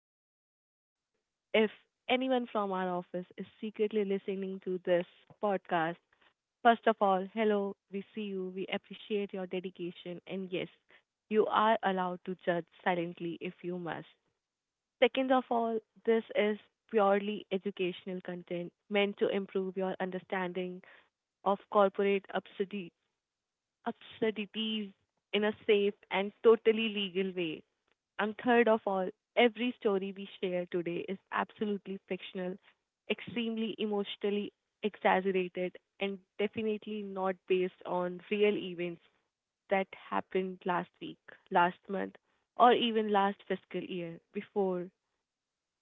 say this out loud. If anyone from our office is secretly listening to this podcast, first of all, hello, we see you, we appreciate your dedication, and yes, you are allowed to judge silently if you must. Second of all, this is purely educational content meant to improve your understanding of corporate absurdities in a safe and totally legal way. And third of all, every story we share today is absolutely fictional, extremely emotionally exaggerated, and definitely not based on real events that happened last week, last month, or even last fiscal year before.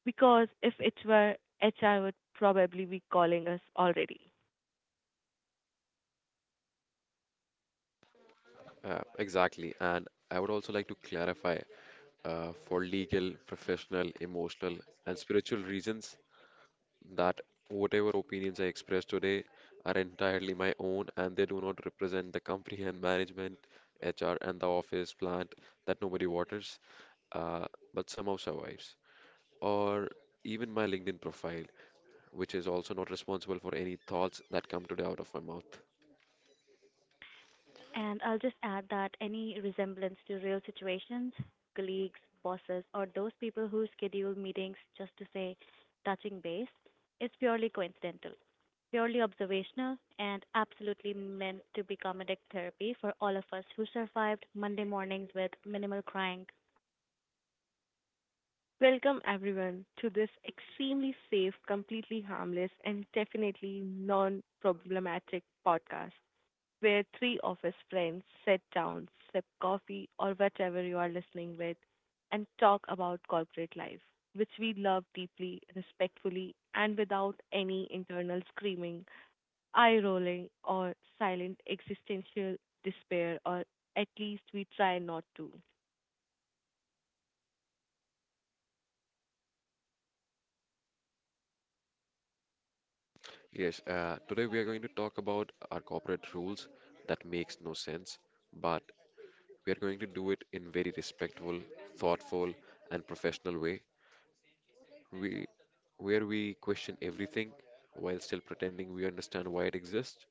Because if it were, HR would probably be calling us already. Exactly. And I would also like to clarify for legal, professional, emotional, and spiritual reasons that whatever opinions I express today are entirely my own and they do not represent the company and management, HR, and the office plant that nobody waters, uh, but somehow survives. Or even my LinkedIn profile, which is also not responsible for any thoughts that come today out of my mouth. And I'll just add that any resemblance to real situations, colleagues, bosses, or those people who schedule meetings just to say touching base is purely coincidental, purely observational, and absolutely meant to be comedic therapy for all of us who survived Monday mornings with minimal crying. Welcome everyone to this extremely safe, completely harmless, and definitely non problematic podcast, where three of his friends sit down, sip coffee or whatever you are listening with, and talk about corporate life, which we love deeply, respectfully, and without any internal screaming, eye rolling, or silent existential despair, or at least we try not to. Yes, Today we are going to talk about our corporate rules that makes no sense, but we are going to do it in very respectful, thoughtful, and professional way. We, where we question everything while still pretending we understand why it exists.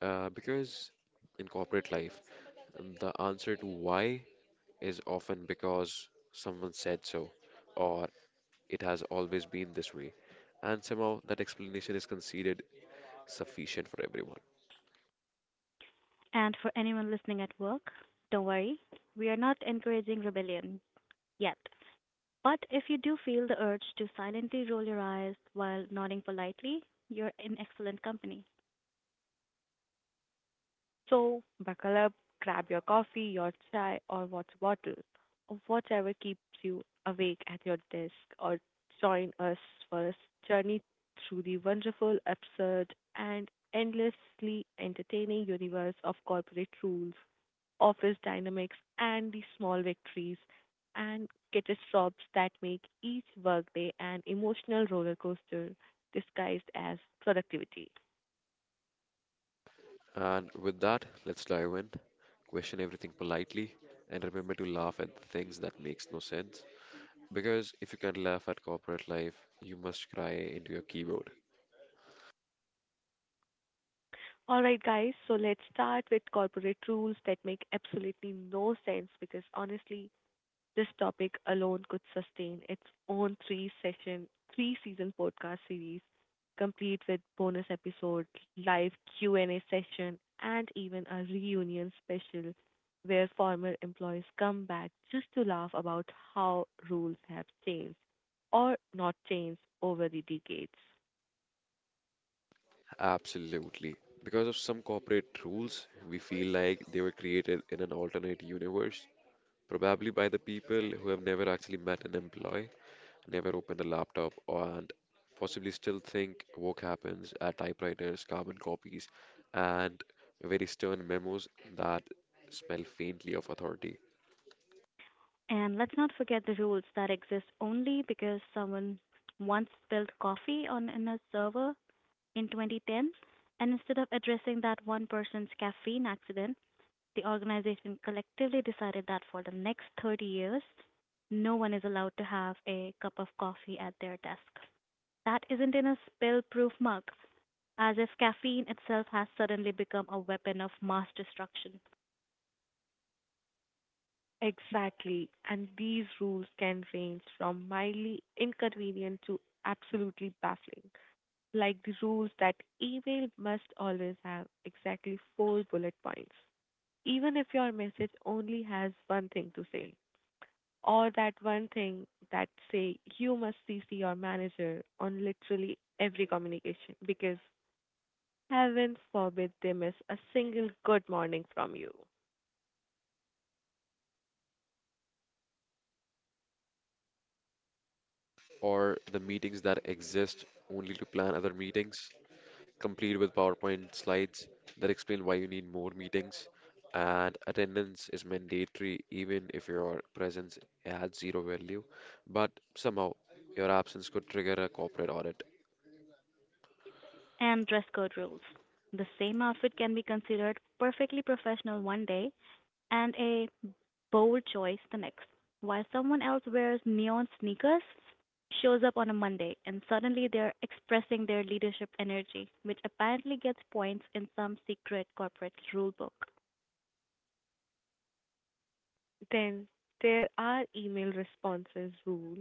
Because in corporate life, the answer to why is often because someone said so, or it has always been this way, and somehow that explanation is considered sufficient for everyone. And for anyone listening at work, don't worry, we are not encouraging rebellion yet. But if you do feel the urge to silently roll your eyes while nodding politely, you're in excellent company. So, buckle up, grab your coffee, your chai, or water bottle, or whatever keeps you awake at your desk, or join us for a journey through the wonderful, absurd, and endlessly entertaining universe of corporate rules, office dynamics, and the small victories and catastrophes that make each workday an emotional roller coaster disguised as productivity. And with that, let's dive in, question everything politely, and remember to laugh at the things that makes no sense. Because if you can't laugh at corporate life, you must cry into your keyboard. All right, guys, so let's start with corporate rules that make absolutely no sense because honestly, this topic alone could sustain its own three season podcast series, complete with bonus episode, live Q&A session, and even a reunion special where former employees come back just to laugh about how rules have changed or not changed over the decades. Absolutely. Because of some corporate rules, we feel like they were created in an alternate universe, probably by the people who have never actually met an employee, never open a laptop, and possibly still think work happens at typewriters, carbon copies, and very stern memos that smell faintly of authority, And let's not forget the rules that exist only because someone once spilled coffee on in a server in 2010, and instead of addressing that one person's caffeine accident, the organization collectively decided that for the next 30 years, no one is allowed to have a cup of coffee at their desk that isn't in a spill proof mug, as if caffeine itself has suddenly become a weapon of mass destruction. Exactly, and these rules can range from mildly inconvenient to absolutely baffling, like the rules that email must always have exactly four bullet points, even if your message only has one thing to say, or that one thing that say you must CC your manager on literally every communication because heaven forbid they miss a single good morning from you. or the meetings that exist only to plan other meetings, complete with PowerPoint slides that explain why you need more meetings. And attendance is mandatory even if your presence adds zero value, but somehow your absence could trigger a corporate audit. And dress code rules. The same outfit can be considered perfectly professional one day and a bold choice the next, while someone else wears neon sneakers, shows up on a Monday, and suddenly they're expressing their leadership energy, which apparently gets points in some secret corporate rule book. Then there are email responses rule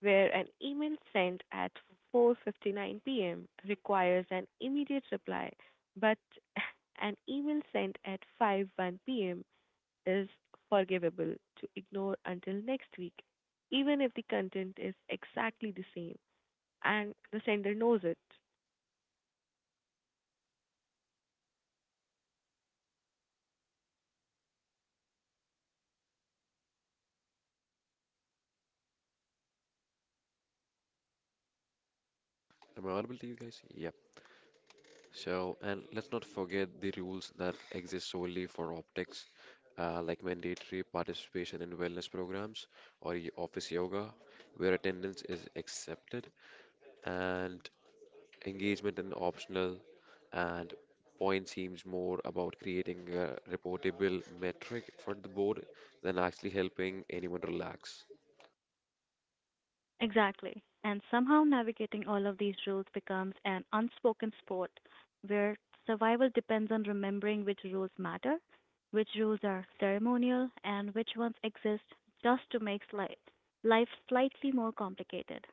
where an email sent at 4:59 p.m. requires an immediate reply, but an email sent at 5:01 p.m. is forgivable to ignore until next week, even if the content is exactly the same and the sender knows it. Am I audible to you guys? Yep. So, and let's not forget the rules that exist solely for optics, like mandatory participation in wellness programs or office yoga, where attendance is accepted, and engagement is optional, and point seems more about creating a reportable metric for the board than actually helping anyone relax. Exactly. And somehow navigating all of these rules becomes an unspoken sport where survival depends on remembering which rules matter, which rules are ceremonial, and which ones exist just to make life slightly more complicated.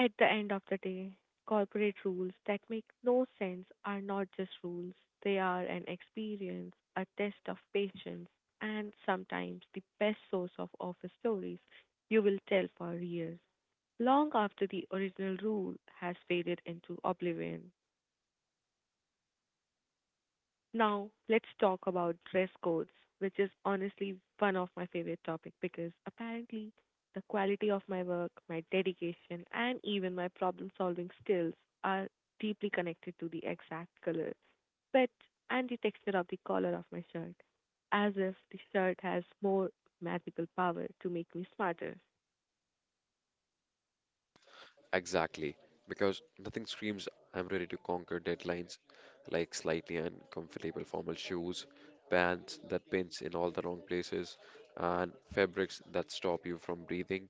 At the end of the day, corporate rules that make no sense are not just rules, they are an experience, a test of patience, and sometimes the best source of office stories you will tell for years, long after the original rule has faded into oblivion. Now, let's talk about dress codes, which is honestly one of my favorite topic because apparently the quality of my work, my dedication, and even my problem-solving skills are deeply connected to the exact color, fit, and the texture of the collar of my shirt, as if the shirt has more magical power to make me smarter. Exactly, because nothing screams I'm ready to conquer deadlines like slightly uncomfortable formal shoes, pants that pinch in all the wrong places, and fabrics that stop you from breathing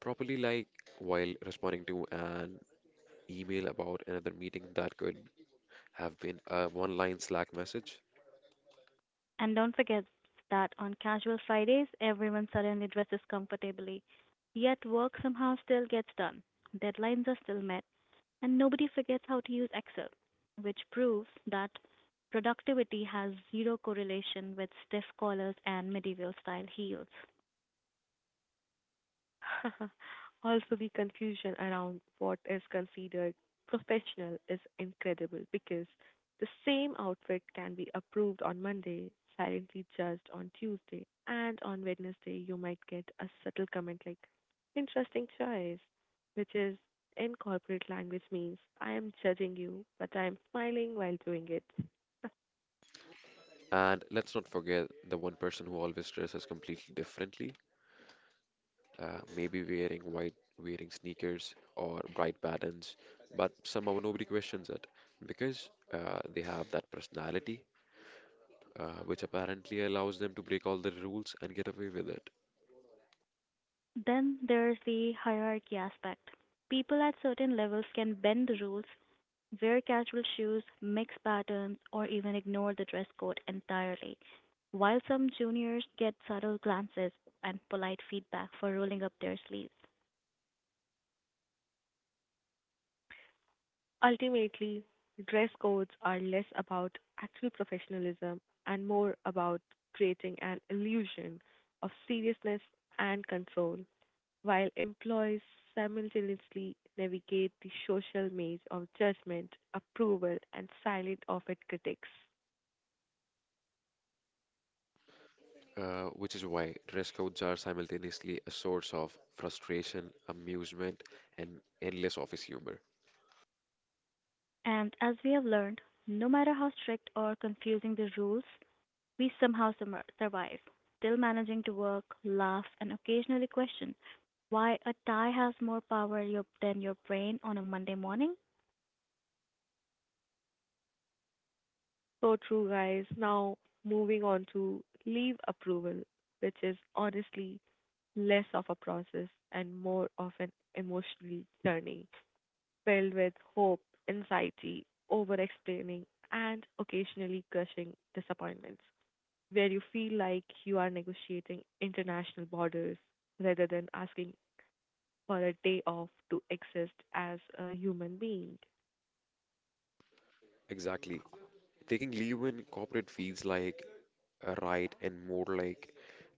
properly, like while responding to an email about another meeting that could have been a one line Slack message. And don't forget that on casual Fridays, everyone suddenly dresses comfortably, yet work somehow still gets done, deadlines are still met, and nobody forgets how to use Excel, which proves that productivity has zero correlation with stiff collars and medieval style heels. Also, the confusion around what is considered professional is incredible because the same outfit can be approved on Monday, silently judged on Tuesday, and on Wednesday, you might get a subtle comment like, interesting choice, which is in corporate language means, I am judging you, but I am smiling while doing it. And let's not forget the one person who always dresses completely differently maybe wearing white, wearing sneakers or bright patterns, but somehow nobody questions it because they have that personality, which apparently allows them to break all the rules and get away with it. Then there's the hierarchy aspect. People at certain levels can bend the rules, wear casual shoes, mix patterns, or even ignore the dress code entirely, while some juniors get subtle glances and polite feedback for rolling up their sleeves. Ultimately, dress codes are less about actual professionalism and more about creating an illusion of seriousness and control, while employees simultaneously navigate the social maze of judgment, approval, and silent often critics. Which is why dress codes are simultaneously a source of frustration, amusement, and endless office humor. And as we have learned, no matter how strict or confusing the rules, we somehow survive, still managing to work, laugh, and occasionally question why a tie has more power than your brain on a Monday morning. So true, guys. Now, moving on to leave approval, which is honestly less of a process and more of an emotional journey, filled with hope, anxiety, over explaining, and occasionally crushing disappointments, where you feel like you are negotiating international borders rather than asking for a day off to exist as a human being. Exactly. Taking leave in corporate feels like a right and more like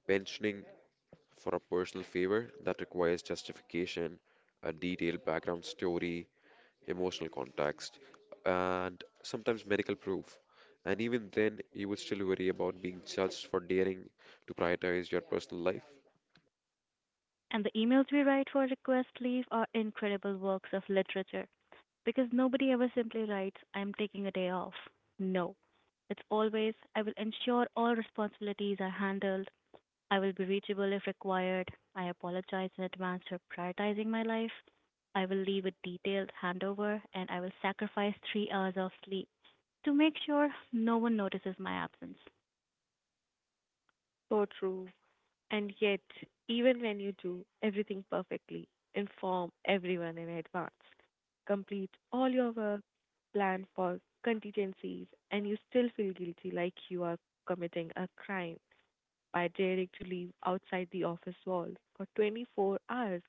pensioning for a personal favor that requires justification, a detailed background story, emotional context, and sometimes medical proof. And even then, you would still worry about being judged for daring to prioritize your personal life. And the emails we write for request leave are incredible works of literature because nobody ever simply writes, I'm taking a day off. No. It's always, I will ensure all responsibilities are handled. I will be reachable if required. I apologize in advance for prioritizing my life. I will leave a detailed handover and I will sacrifice 3 hours of sleep to make sure no one notices my absence. So true. And yet, even when you do everything perfectly, inform everyone in advance, complete all your work, plan for contingencies, and you still feel guilty like you are committing a crime by daring to leave outside the office walls for 24 hours.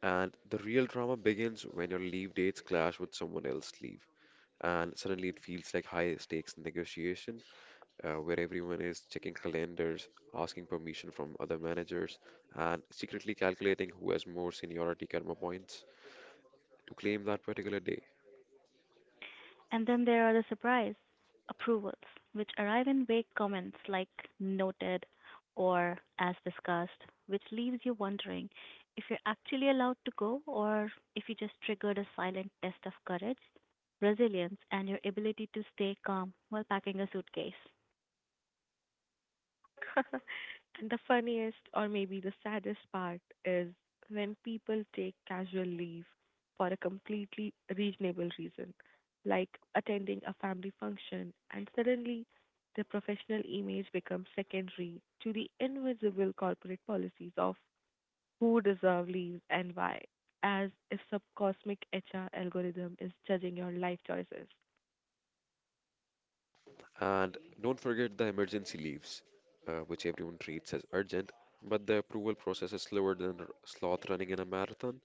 And the real drama begins when your leave dates clash with someone else's leave. And suddenly it feels like high stakes negotiation where everyone is checking calendars, asking permission from other managers, and secretly calculating who has more seniority karma points to claim that particular day. And then there are the surprise approvals, which arrive in vague comments like noted or as discussed, which leaves you wondering if you're actually allowed to go or if you just triggered a silent test of courage, resilience, and your ability to stay calm while packing a suitcase. And the funniest, or maybe the saddest part, is when people take casual leave for a completely reasonable reason, like attending a family function, and suddenly their professional image becomes secondary to the invisible corporate policies of who deserve leaves and why, as if some cosmic HR algorithm is judging your life choices. And don't forget the emergency leaves, which everyone treats as urgent, but the approval process is slower than sloth running in a marathon,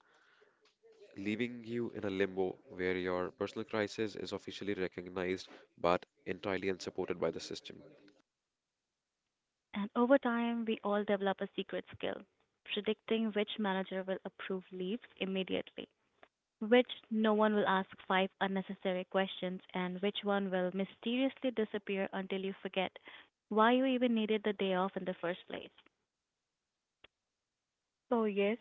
leaving you in a limbo where your personal crisis is officially recognized but entirely unsupported by the system. And over time, we all develop a secret skill, predicting which manager will approve leaves immediately, which no one will ask five unnecessary questions, and which one will mysteriously disappear until you forget why you even needed the day off in the first place. So, yes,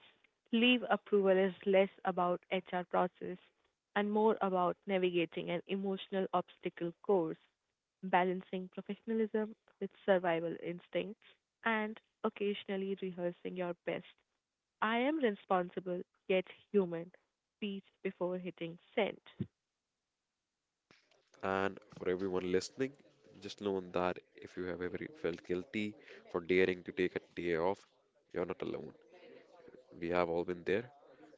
leave approval is less about HR process and more about navigating an emotional obstacle course, balancing professionalism with survival instincts, and occasionally rehearsing your best. I am responsible yet human. Speech before hitting send. And for everyone listening, just know that if you have ever felt guilty for daring to take a day off, you're not alone. We have all been there,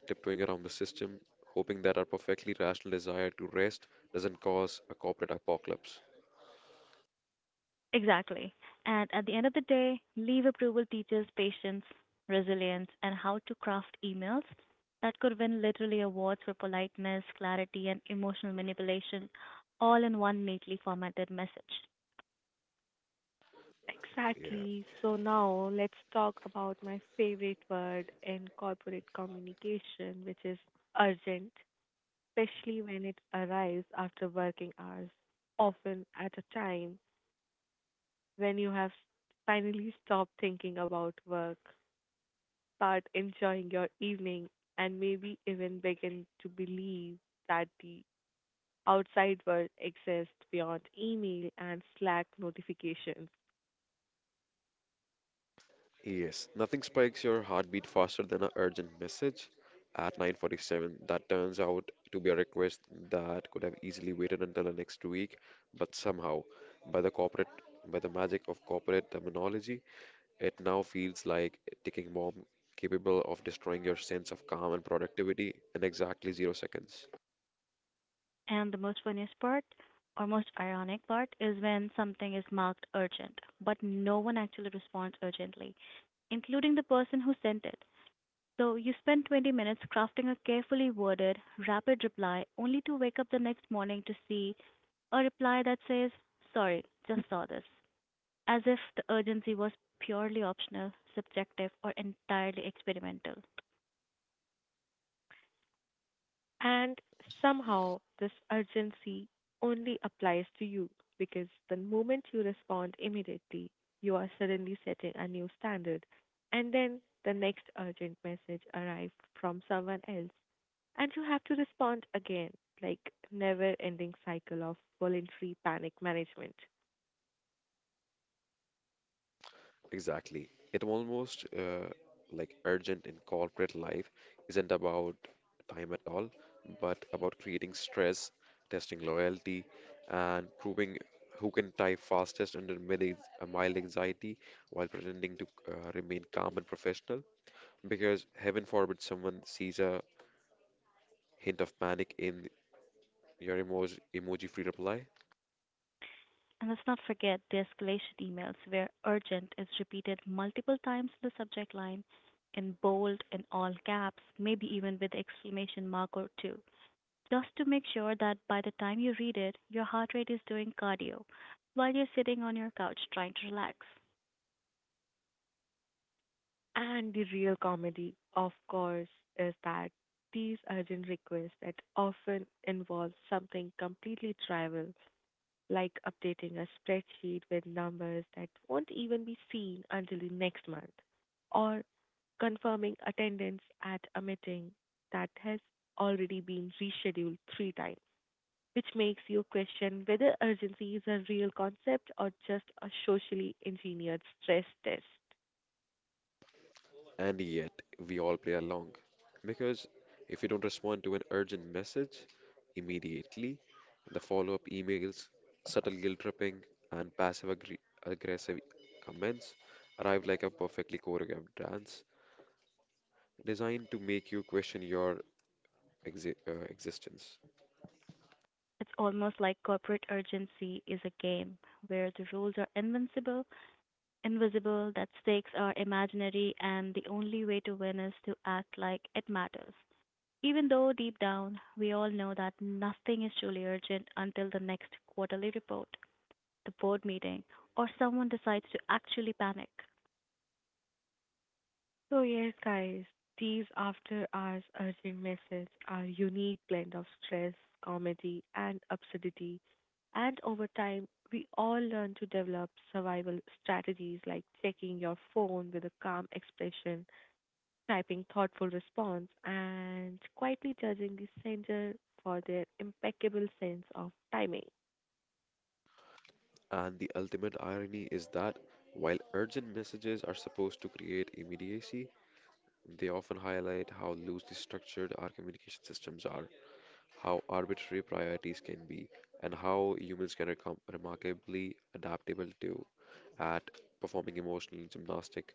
tiptoeing around the system, hoping that our perfectly rational desire to rest doesn't cause a corporate apocalypse. Exactly. And at the end of the day, leave approval teaches patience, resilience, and how to craft emails that could win literally awards for politeness, clarity, and emotional manipulation all in one neatly formatted message. Yeah. Exactly. So now let's talk about my favorite word in corporate communication, which is urgent, especially when it arrives after working hours, often at a time when you have finally stopped thinking about work, start enjoying your evening, and maybe even begin to believe that the outside world exists beyond email and Slack notifications. Yes, nothing spikes your heartbeat faster than an urgent message at 9:47 that turns out to be a request that could have easily waited until the next week, but somehow, by the magic of corporate terminology, it now feels like a ticking bomb capable of destroying your sense of calm and productivity in exactly 0 seconds. And the most funniest part, or most ironic part, is when something is marked urgent, but no one actually responds urgently, including the person who sent it. So you spend 20 minutes crafting a carefully worded, rapid reply, only to wake up the next morning to see a reply that says, sorry, just saw this, as if the urgency was purely optional, subjective, or entirely experimental. And somehow, this urgency only applies to you because the moment you respond immediately, you are suddenly setting a new standard. And then the next urgent message arrives from someone else, and you have to respond again, like never ending cycle of voluntary panic management. Exactly. It almost like urgent in corporate life isn't about time at all, but about creating stress, testing loyalty, and proving who can type fastest under mild anxiety while pretending to remain calm and professional. Because heaven forbid someone sees a hint of panic in your emoji free reply. And let's not forget the escalation emails where urgent is repeated multiple times in the subject line, in bold, in all caps, maybe even with exclamation mark or two, just to make sure that by the time you read it, your heart rate is doing cardio while you're sitting on your couch trying to relax. And the real comedy, of course, is that these urgent requests that often involve something completely trivial like updating a spreadsheet with numbers that won't even be seen until the next month, or confirming attendance at a meeting that has already been rescheduled three times, which makes you question whether urgency is a real concept or just a socially engineered stress test. And yet, we all play along. Because if you don't respond to an urgent message immediately, the follow up emails, subtle guilt tripping, and passive aggressive comments arrive like a perfectly choreographed dance designed to make you question your existence. It's almost like corporate urgency is a game where the rules are invincible, invisible, that stakes are imaginary, and the only way to win is to act like it matters, even though deep down we all know that nothing is truly urgent until the next quarterly report, the board meeting, or someone decides to actually panic. So, yes, guys, these after hours urgent messages are unique blend of stress, comedy, and absurdity. And over time, we all learn to develop survival strategies like checking your phone with a calm expression, typing thoughtful response, and quietly judging the sender for their impeccable sense of timing. And the ultimate irony is that while urgent messages are supposed to create immediacy, they often highlight how loosely structured our communication systems are, how arbitrary priorities can be, and how humans can become remarkably adaptable to at performing emotional gymnastic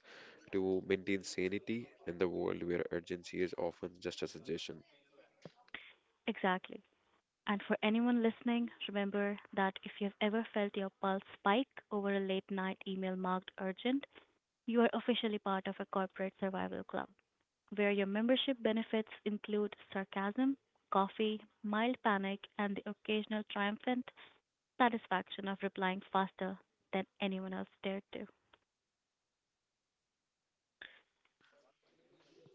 to maintain sanity in the world where urgency is often just a suggestion. Exactly. And for anyone listening, remember that if you've ever felt your pulse spike over a late night email marked urgent, you are officially part of a corporate survival club where your membership benefits include sarcasm, coffee, mild panic, and the occasional triumphant satisfaction of replying faster than anyone else dared to.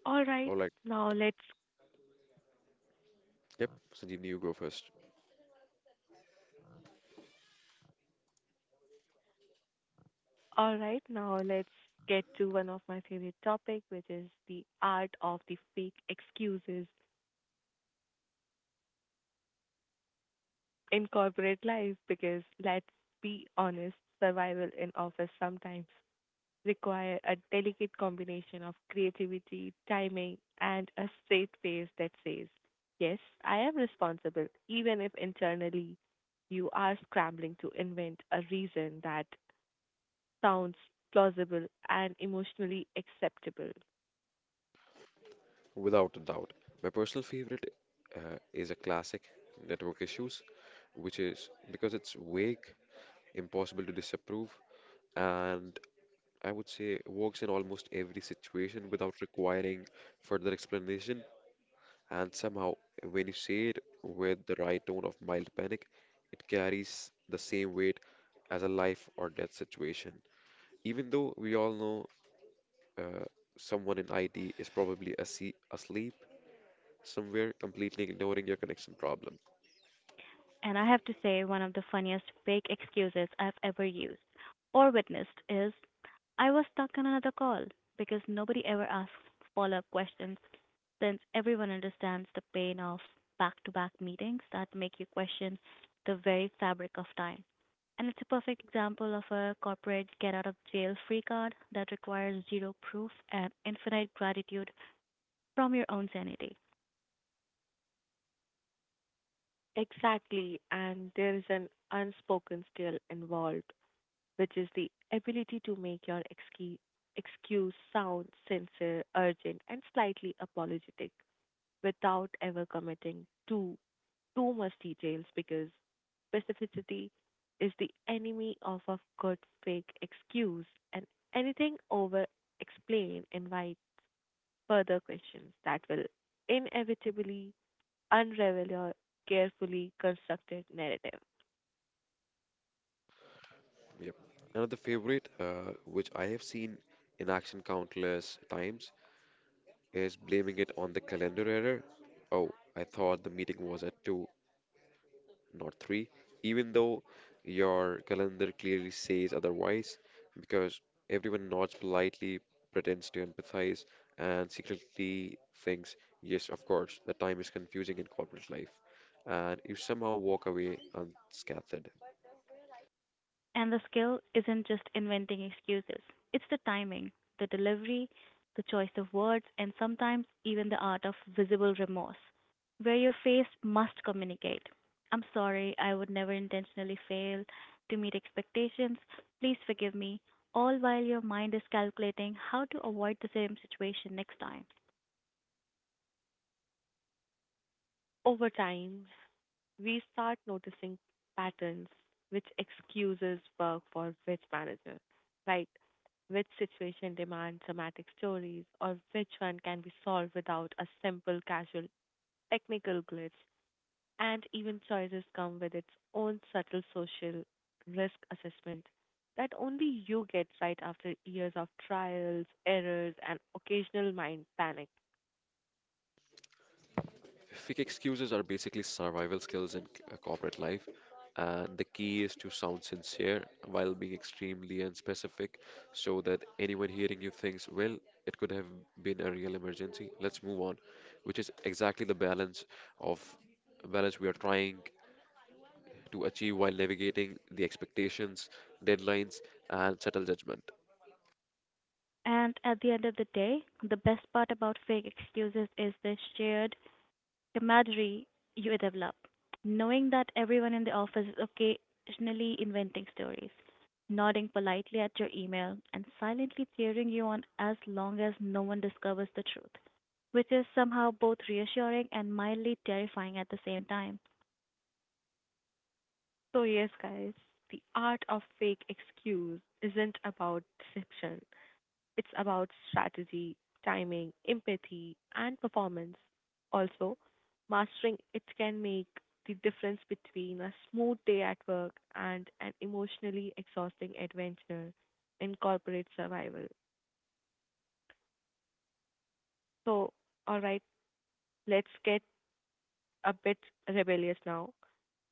All right, All right, now let's yep, Sanjeev, you go first. All right, now let's get to one of my favorite topic, which is the art of the fake excuses in corporate life. Because let's be honest, survival in office sometimes require a delicate combination of creativity, timing, and a straight face that says, "Yes, I am responsible," even if internally you are scrambling to invent a reason that sounds plausible and emotionally acceptable. Without a doubt, my personal favorite is a classic network issues, which is because it's vague, impossible to disapprove, and I would say, works in almost every situation without requiring further explanation. And somehow, when you say it with the right tone of mild panic, it carries the same weight as a life or death situation. Even though we all know uh, someone in IT is probably asleep somewhere, completely ignoring your connection problem. And I have to say, one of the funniest fake excuses I've ever used or witnessed is I was stuck on another call, because nobody ever asks follow up questions since everyone understands the pain of back to back meetings that make you question the very fabric of time. And it's a perfect example of a corporate get out of jail free card that requires zero proof and infinite gratitude from your own sanity. Exactly, and there is an unspoken skill involved, which is the ability to make your excuse sound sincere, urgent, and slightly apologetic without ever committing to too much details because specificity is the enemy of a good fake excuse, and anything over explain invites further questions that will inevitably unravel your carefully constructed narrative. Yep. Another favorite, which I have seen in action countless times, is blaming it on the calendar error. Oh, I thought the meeting was at 2, not 3, even though your calendar clearly says otherwise, because everyone nods politely, pretends to empathize, and secretly thinks, yes, of course, the time is confusing in corporate life. And you somehow walk away unscathed. And the skill isn't just inventing excuses, it's the timing, the delivery, the choice of words, and sometimes even the art of visible remorse, where your face must communicate, I'm sorry, I would never intentionally fail to meet expectations. Please forgive me. All while your mind is calculating how to avoid the same situation next time. Over time, we start noticing patterns which excuses work for which manager, right? Which situation demands dramatic stories, or which one can be solved without a simple casual technical glitch, and even choices come with its own subtle social risk assessment that only you get right after years of trials, errors, and occasional mind panic. Fake excuses are basically survival skills in corporate life, and the key is to sound sincere while being extremely unspecific so that anyone hearing you thinks, well, it could have been a real emergency. Let's move on, which is exactly the of balance we are trying to achieve while navigating the expectations, deadlines, and subtle judgment. And at the end of the day, the best part about fake excuses is the shared camaraderie you develop, knowing that everyone in the office is occasionally inventing stories, nodding politely at your email, and silently cheering you on as long as no one discovers the truth, which is somehow both reassuring and mildly terrifying at the same time. So, yes, guys, the art of fake excuse isn't about deception, it's about strategy, timing, empathy, and performance. Also, mastering it can make the difference between a smooth day at work and an emotionally exhausting adventure in corporate survival. So, all right, let's get a bit rebellious now.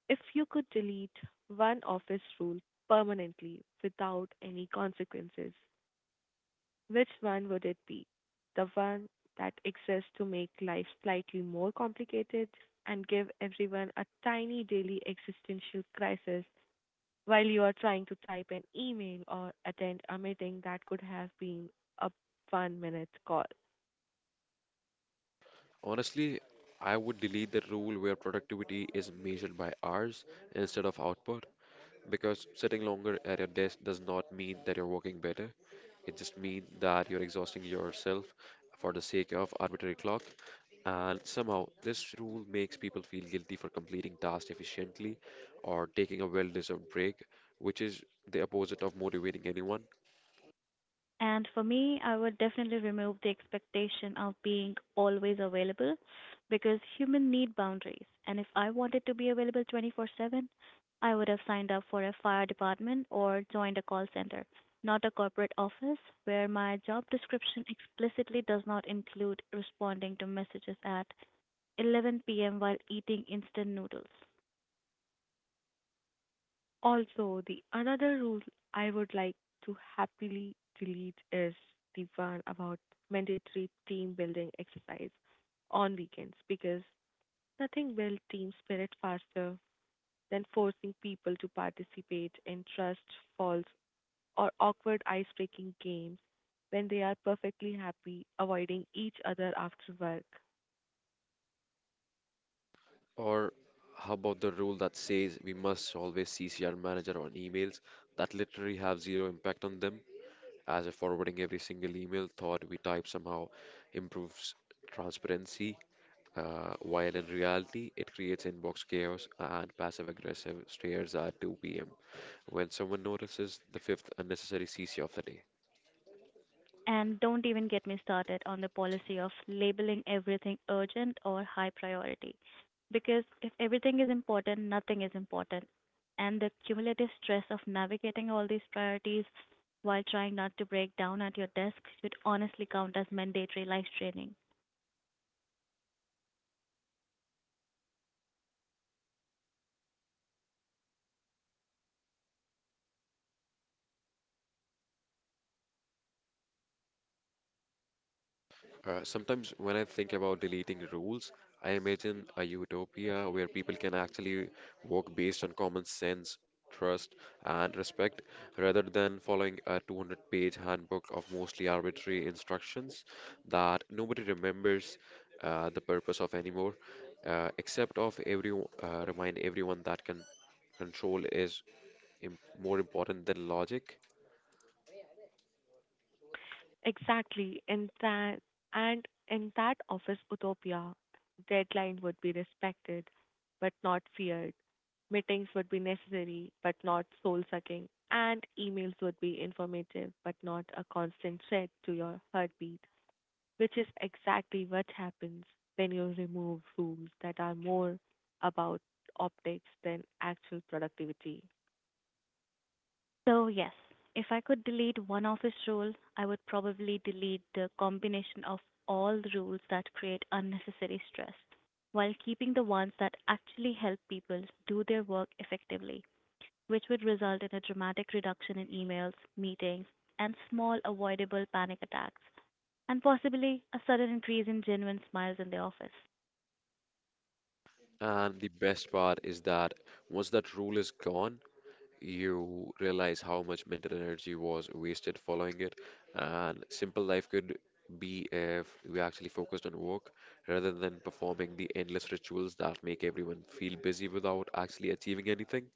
If you could delete one office rule permanently without any consequences, which one would it be? The one that exists to make life slightly more complicated and give everyone a tiny daily existential crisis while you are trying to type an email or attend a meeting that could have been a 1 minute call. Honestly, I would delete the rule where productivity is measured by hours instead of output. Because sitting longer at your desk does not mean that you're working better. It just means that you're exhausting yourself for the sake of arbitrary clock. And somehow, this rule makes people feel guilty for completing tasks efficiently or taking a well deserved break, which is the opposite of motivating anyone. And for me, I would definitely remove the expectation of being always available because humans need boundaries. And if I wanted to be available 24/7, I would have signed up for a fire department or joined a call center, not a corporate office where my job description explicitly does not include responding to messages at 11 p.m. while eating instant noodles. Also, the another rule I would like to happily delete is the one about mandatory team building exercise on weekends because nothing builds team spirit faster than forcing people to participate in trust falls or awkward ice-breaking games when they are perfectly happy avoiding each other after work. Or, how about the rule that says we must always CC our manager on emails that literally have zero impact on them? As if forwarding every single email thought we type somehow improves transparency, while in reality, it creates inbox chaos and passive aggressive stares at 2 p.m. when someone notices the fifth unnecessary CC of the day. And don't even get me started on the policy of labeling everything urgent or high priority, because if everything is important, nothing is important. And the cumulative stress of navigating all these priorities while trying not to break down at your desk should honestly count as mandatory life training. Sometimes when I think about deleting rules, I imagine a utopia where people can actually work based on common sense, trust, and respect rather than following a 200-page handbook of mostly arbitrary instructions that nobody remembers the purpose of anymore, except of every remind everyone that can control is im- more important than logic. Exactly, in that office utopia, deadline would be respected but not feared. Meetings would be necessary but not soul-sucking, and emails would be informative but not a constant threat to your heartbeat, which is exactly what happens when you remove rules that are more about optics than actual productivity. So yes, if I could delete one office rule, I would probably delete the combination of all the rules that create unnecessary stress while keeping the ones that actually help people do their work effectively, which would result in a dramatic reduction in emails, meetings, and small avoidable panic attacks, and possibly a sudden increase in genuine smiles in the office. And the best part is that once that rule is gone, you realize how much mental energy was wasted following it. And simple life could be if we actually focused on work rather than performing the endless rituals that make everyone feel busy without actually achieving anything.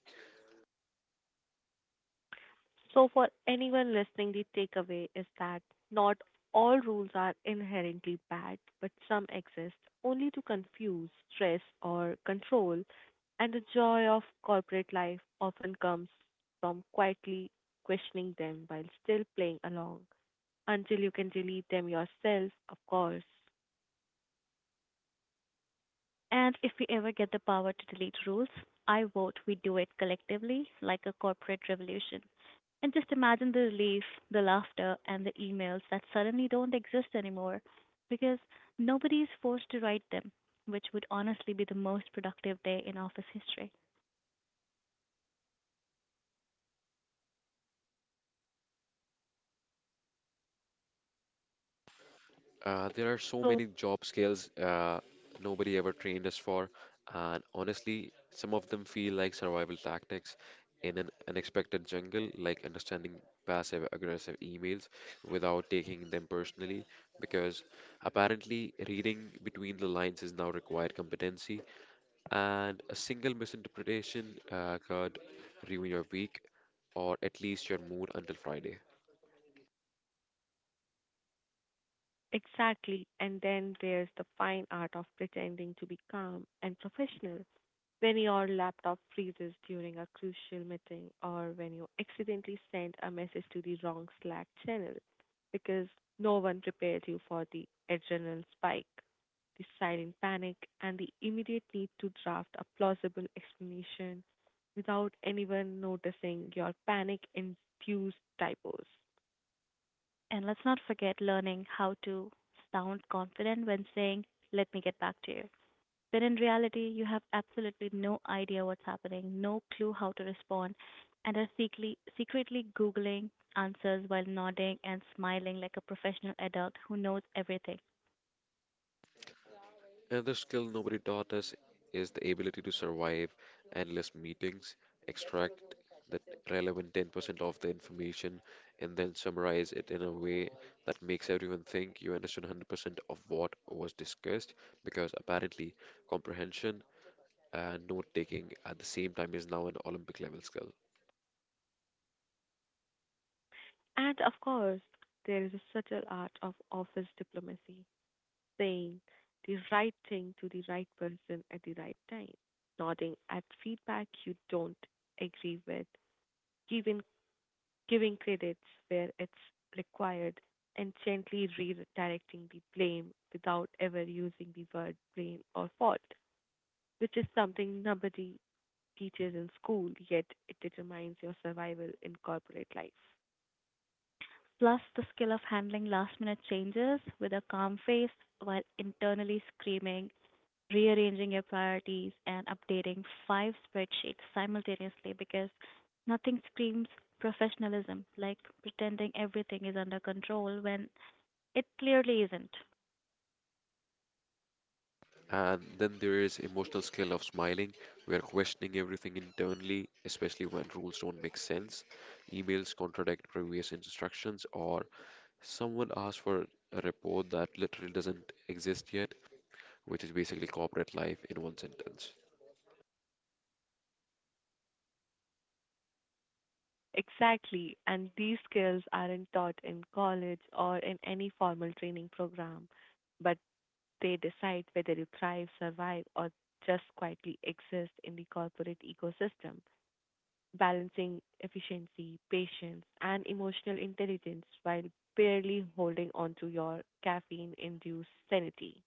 So, for anyone listening, the takeaway is that not all rules are inherently bad, but some exist only to confuse, stress, or control. And the joy of corporate life often comes from quietly questioning them while still playing along until you can delete them yourself, of course. And if we ever get the power to delete rules, I vote we do it collectively, like a corporate revolution. And just imagine the relief, the laughter, and the emails that suddenly don't exist anymore because nobody is forced to write them, which would honestly be the most productive day in office history. There are so So, many job skills nobody ever trained us for, and honestly, some of them feel like survival tactics in an unexpected jungle, like understanding passive aggressive emails without taking them personally, because apparently reading between the lines is now required competency, and a single misinterpretation could ruin your week or at least your mood until Friday. exactly. And then there's the fine art of pretending to be calm and professional when your laptop freezes during a crucial meeting or when you accidentally send a message to the wrong Slack channel because no one prepared you for the adrenal spike, the silent panic, and the immediate need to draft a plausible explanation without anyone noticing your panic induced typos. And let's not forget learning how to sound confident when saying, let me get back to you, when in reality, you have absolutely no idea what's happening, no clue how to respond, and are secretly Googling answers while nodding and smiling like a professional adult who knows everything. Another skill nobody taught us is the ability to survive endless meetings, extract the relevant 10% of the information, and then summarize it in a way that makes everyone think you understood 100% of what was discussed, because apparently comprehension and note taking at the same time is now an Olympic level skill. And of course, there is a subtle art of office diplomacy, saying the right thing to the right person at the right time, nodding at feedback you don't agree with, giving, giving credits where it's required, and gently redirecting the blame without ever using the word blame or fault, which is something nobody teaches in school, yet it determines your survival in corporate life. Plus, the skill of handling last minute changes with a calm face while internally screaming, rearranging your priorities, and updating five spreadsheets simultaneously, because nothing screams professionalism like pretending everything is under control when it clearly isn't. And then there is emotional skill of smiling. We are questioning everything internally, especially when rules don't make sense, emails contradict previous instructions, or someone asks for a report that literally doesn't exist yet, which is basically corporate life in one sentence. Exactly, and these skills aren't taught in college or in any formal training program, but they decide whether you thrive, survive, or just quietly exist in the corporate ecosystem, balancing efficiency, patience, and emotional intelligence while barely holding on to your caffeine induced sanity.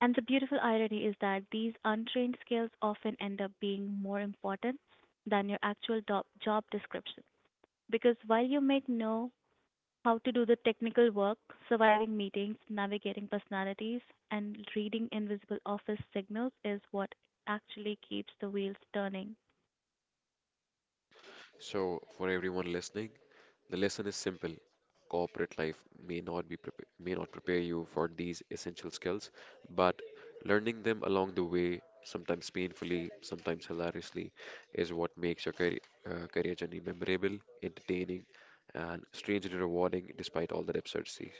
And the beautiful irony is that these untrained skills often end up being more important than your actual job description, because while you may know how to do the technical work, surviving meetings, navigating personalities, and reading invisible office signals is what actually keeps the wheels turning. So, for everyone listening, the lesson is simple. Corporate life may not be prepa- may not prepare you for these essential skills, but learning them along the way, sometimes painfully, sometimes hilariously, is what makes your career journey memorable, entertaining, and strangely rewarding despite all the absurdities.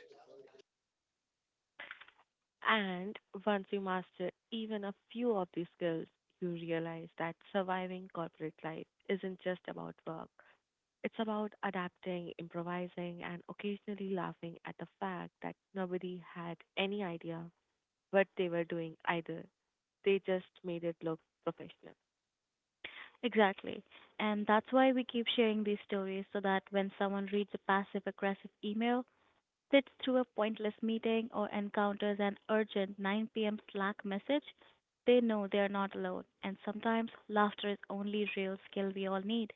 And once you master even a few of these skills, you realize that surviving corporate life isn't just about work. It's about adapting, improvising, and occasionally laughing at the fact that nobody had any idea what they were doing either. They just made it look professional. Exactly. And that's why we keep sharing these stories so that when someone reads a passive aggressive email, sits through a pointless meeting, or encounters an urgent 9 p.m. Slack message, they know they are not alone. And sometimes laughter is only real skill we all need.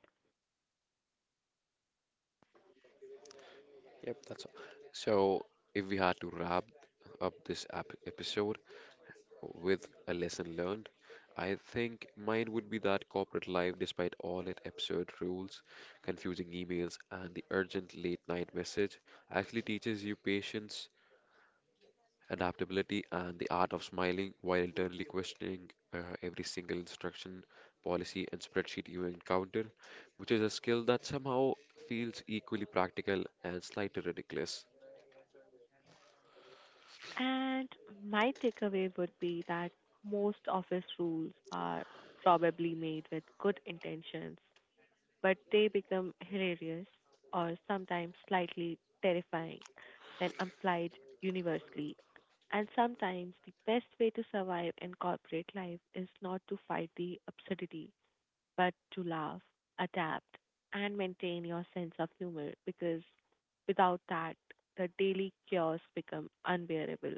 Yep, that's all. So, if we had to wrap up this episode, with a lesson learned. I think mine would be that corporate life, despite all its absurd rules, confusing emails, and the urgent late night message, actually teaches you patience, adaptability, and the art of smiling while internally questioning every single instruction, policy, and spreadsheet you encounter, which is a skill that somehow feels equally practical and slightly ridiculous. And my takeaway would be that most office rules are probably made with good intentions but they become hilarious or sometimes slightly terrifying when applied universally. And sometimes the best way to survive in corporate life is not to fight the absurdity, but to laugh, adapt, and maintain your sense of humor because without that, the daily chaos becomes unbearable.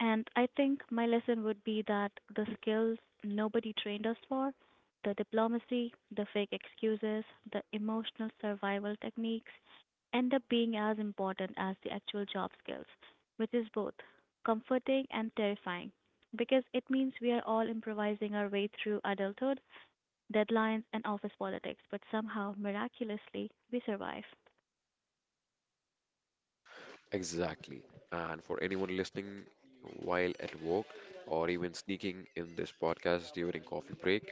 And I think my lesson would be that the skills nobody trained us for, the diplomacy, the fake excuses, the emotional survival techniques end up being as important as the actual job skills, which is both comforting and terrifying because it means we are all improvising our way through adulthood, deadlines, and office politics, but somehow, miraculously, we survive. Exactly. And for anyone listening while at work or even sneaking in this podcast during coffee break,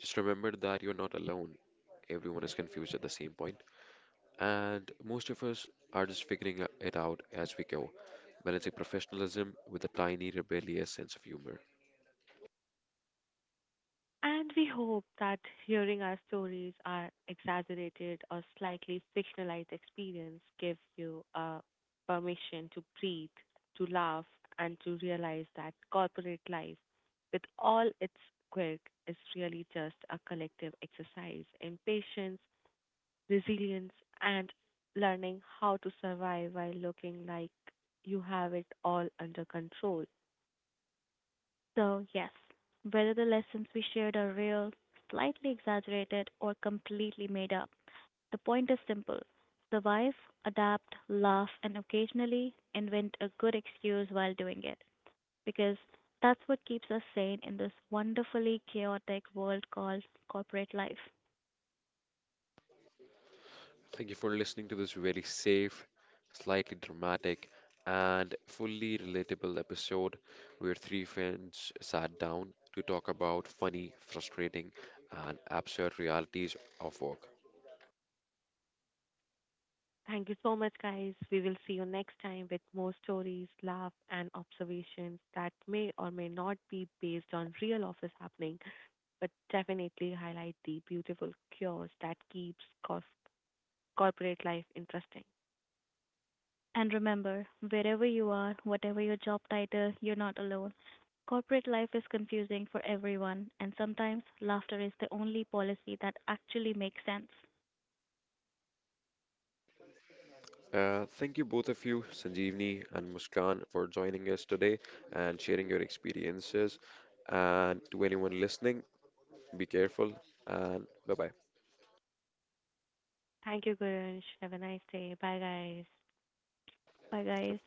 just remember that you're not alone. Everyone is confused at the same point, and most of us are just figuring it out as we go, balancing professionalism with a tiny rebellious sense of humor. And we hope that hearing our stories, our exaggerated or slightly fictionalized experience, gives you a permission to breathe, to laugh, and to realize that corporate life, with all its quirk, is really just a collective exercise in patience, resilience, and learning how to survive while looking like you have it all under control. So, yes, whether the lessons we shared are real, slightly exaggerated, or completely made up, the point is simple: survive, adapt, laugh, and occasionally invent a good excuse while doing it. Because that's what keeps us sane in this wonderfully chaotic world called corporate life. Thank you for listening to this very safe, slightly dramatic, and fully relatable episode where three friends sat down to talk about funny, frustrating, and absurd realities of work. Thank you so much, guys. We will see you next time with more stories, laugh, and observations that may or may not be based on real office happening, but definitely highlight the beautiful cures that keeps corporate life interesting. And remember, wherever you are, whatever your job title, you're not alone. Corporate life is confusing for everyone, and sometimes laughter is the only policy that actually makes sense. Thank you both of you, Sanjeevni and Muskan, for joining us today and sharing your experiences. And to anyone listening, be careful and bye bye. Thank you, Gurunsh. Have a nice day. Bye, guys. Bye, guys.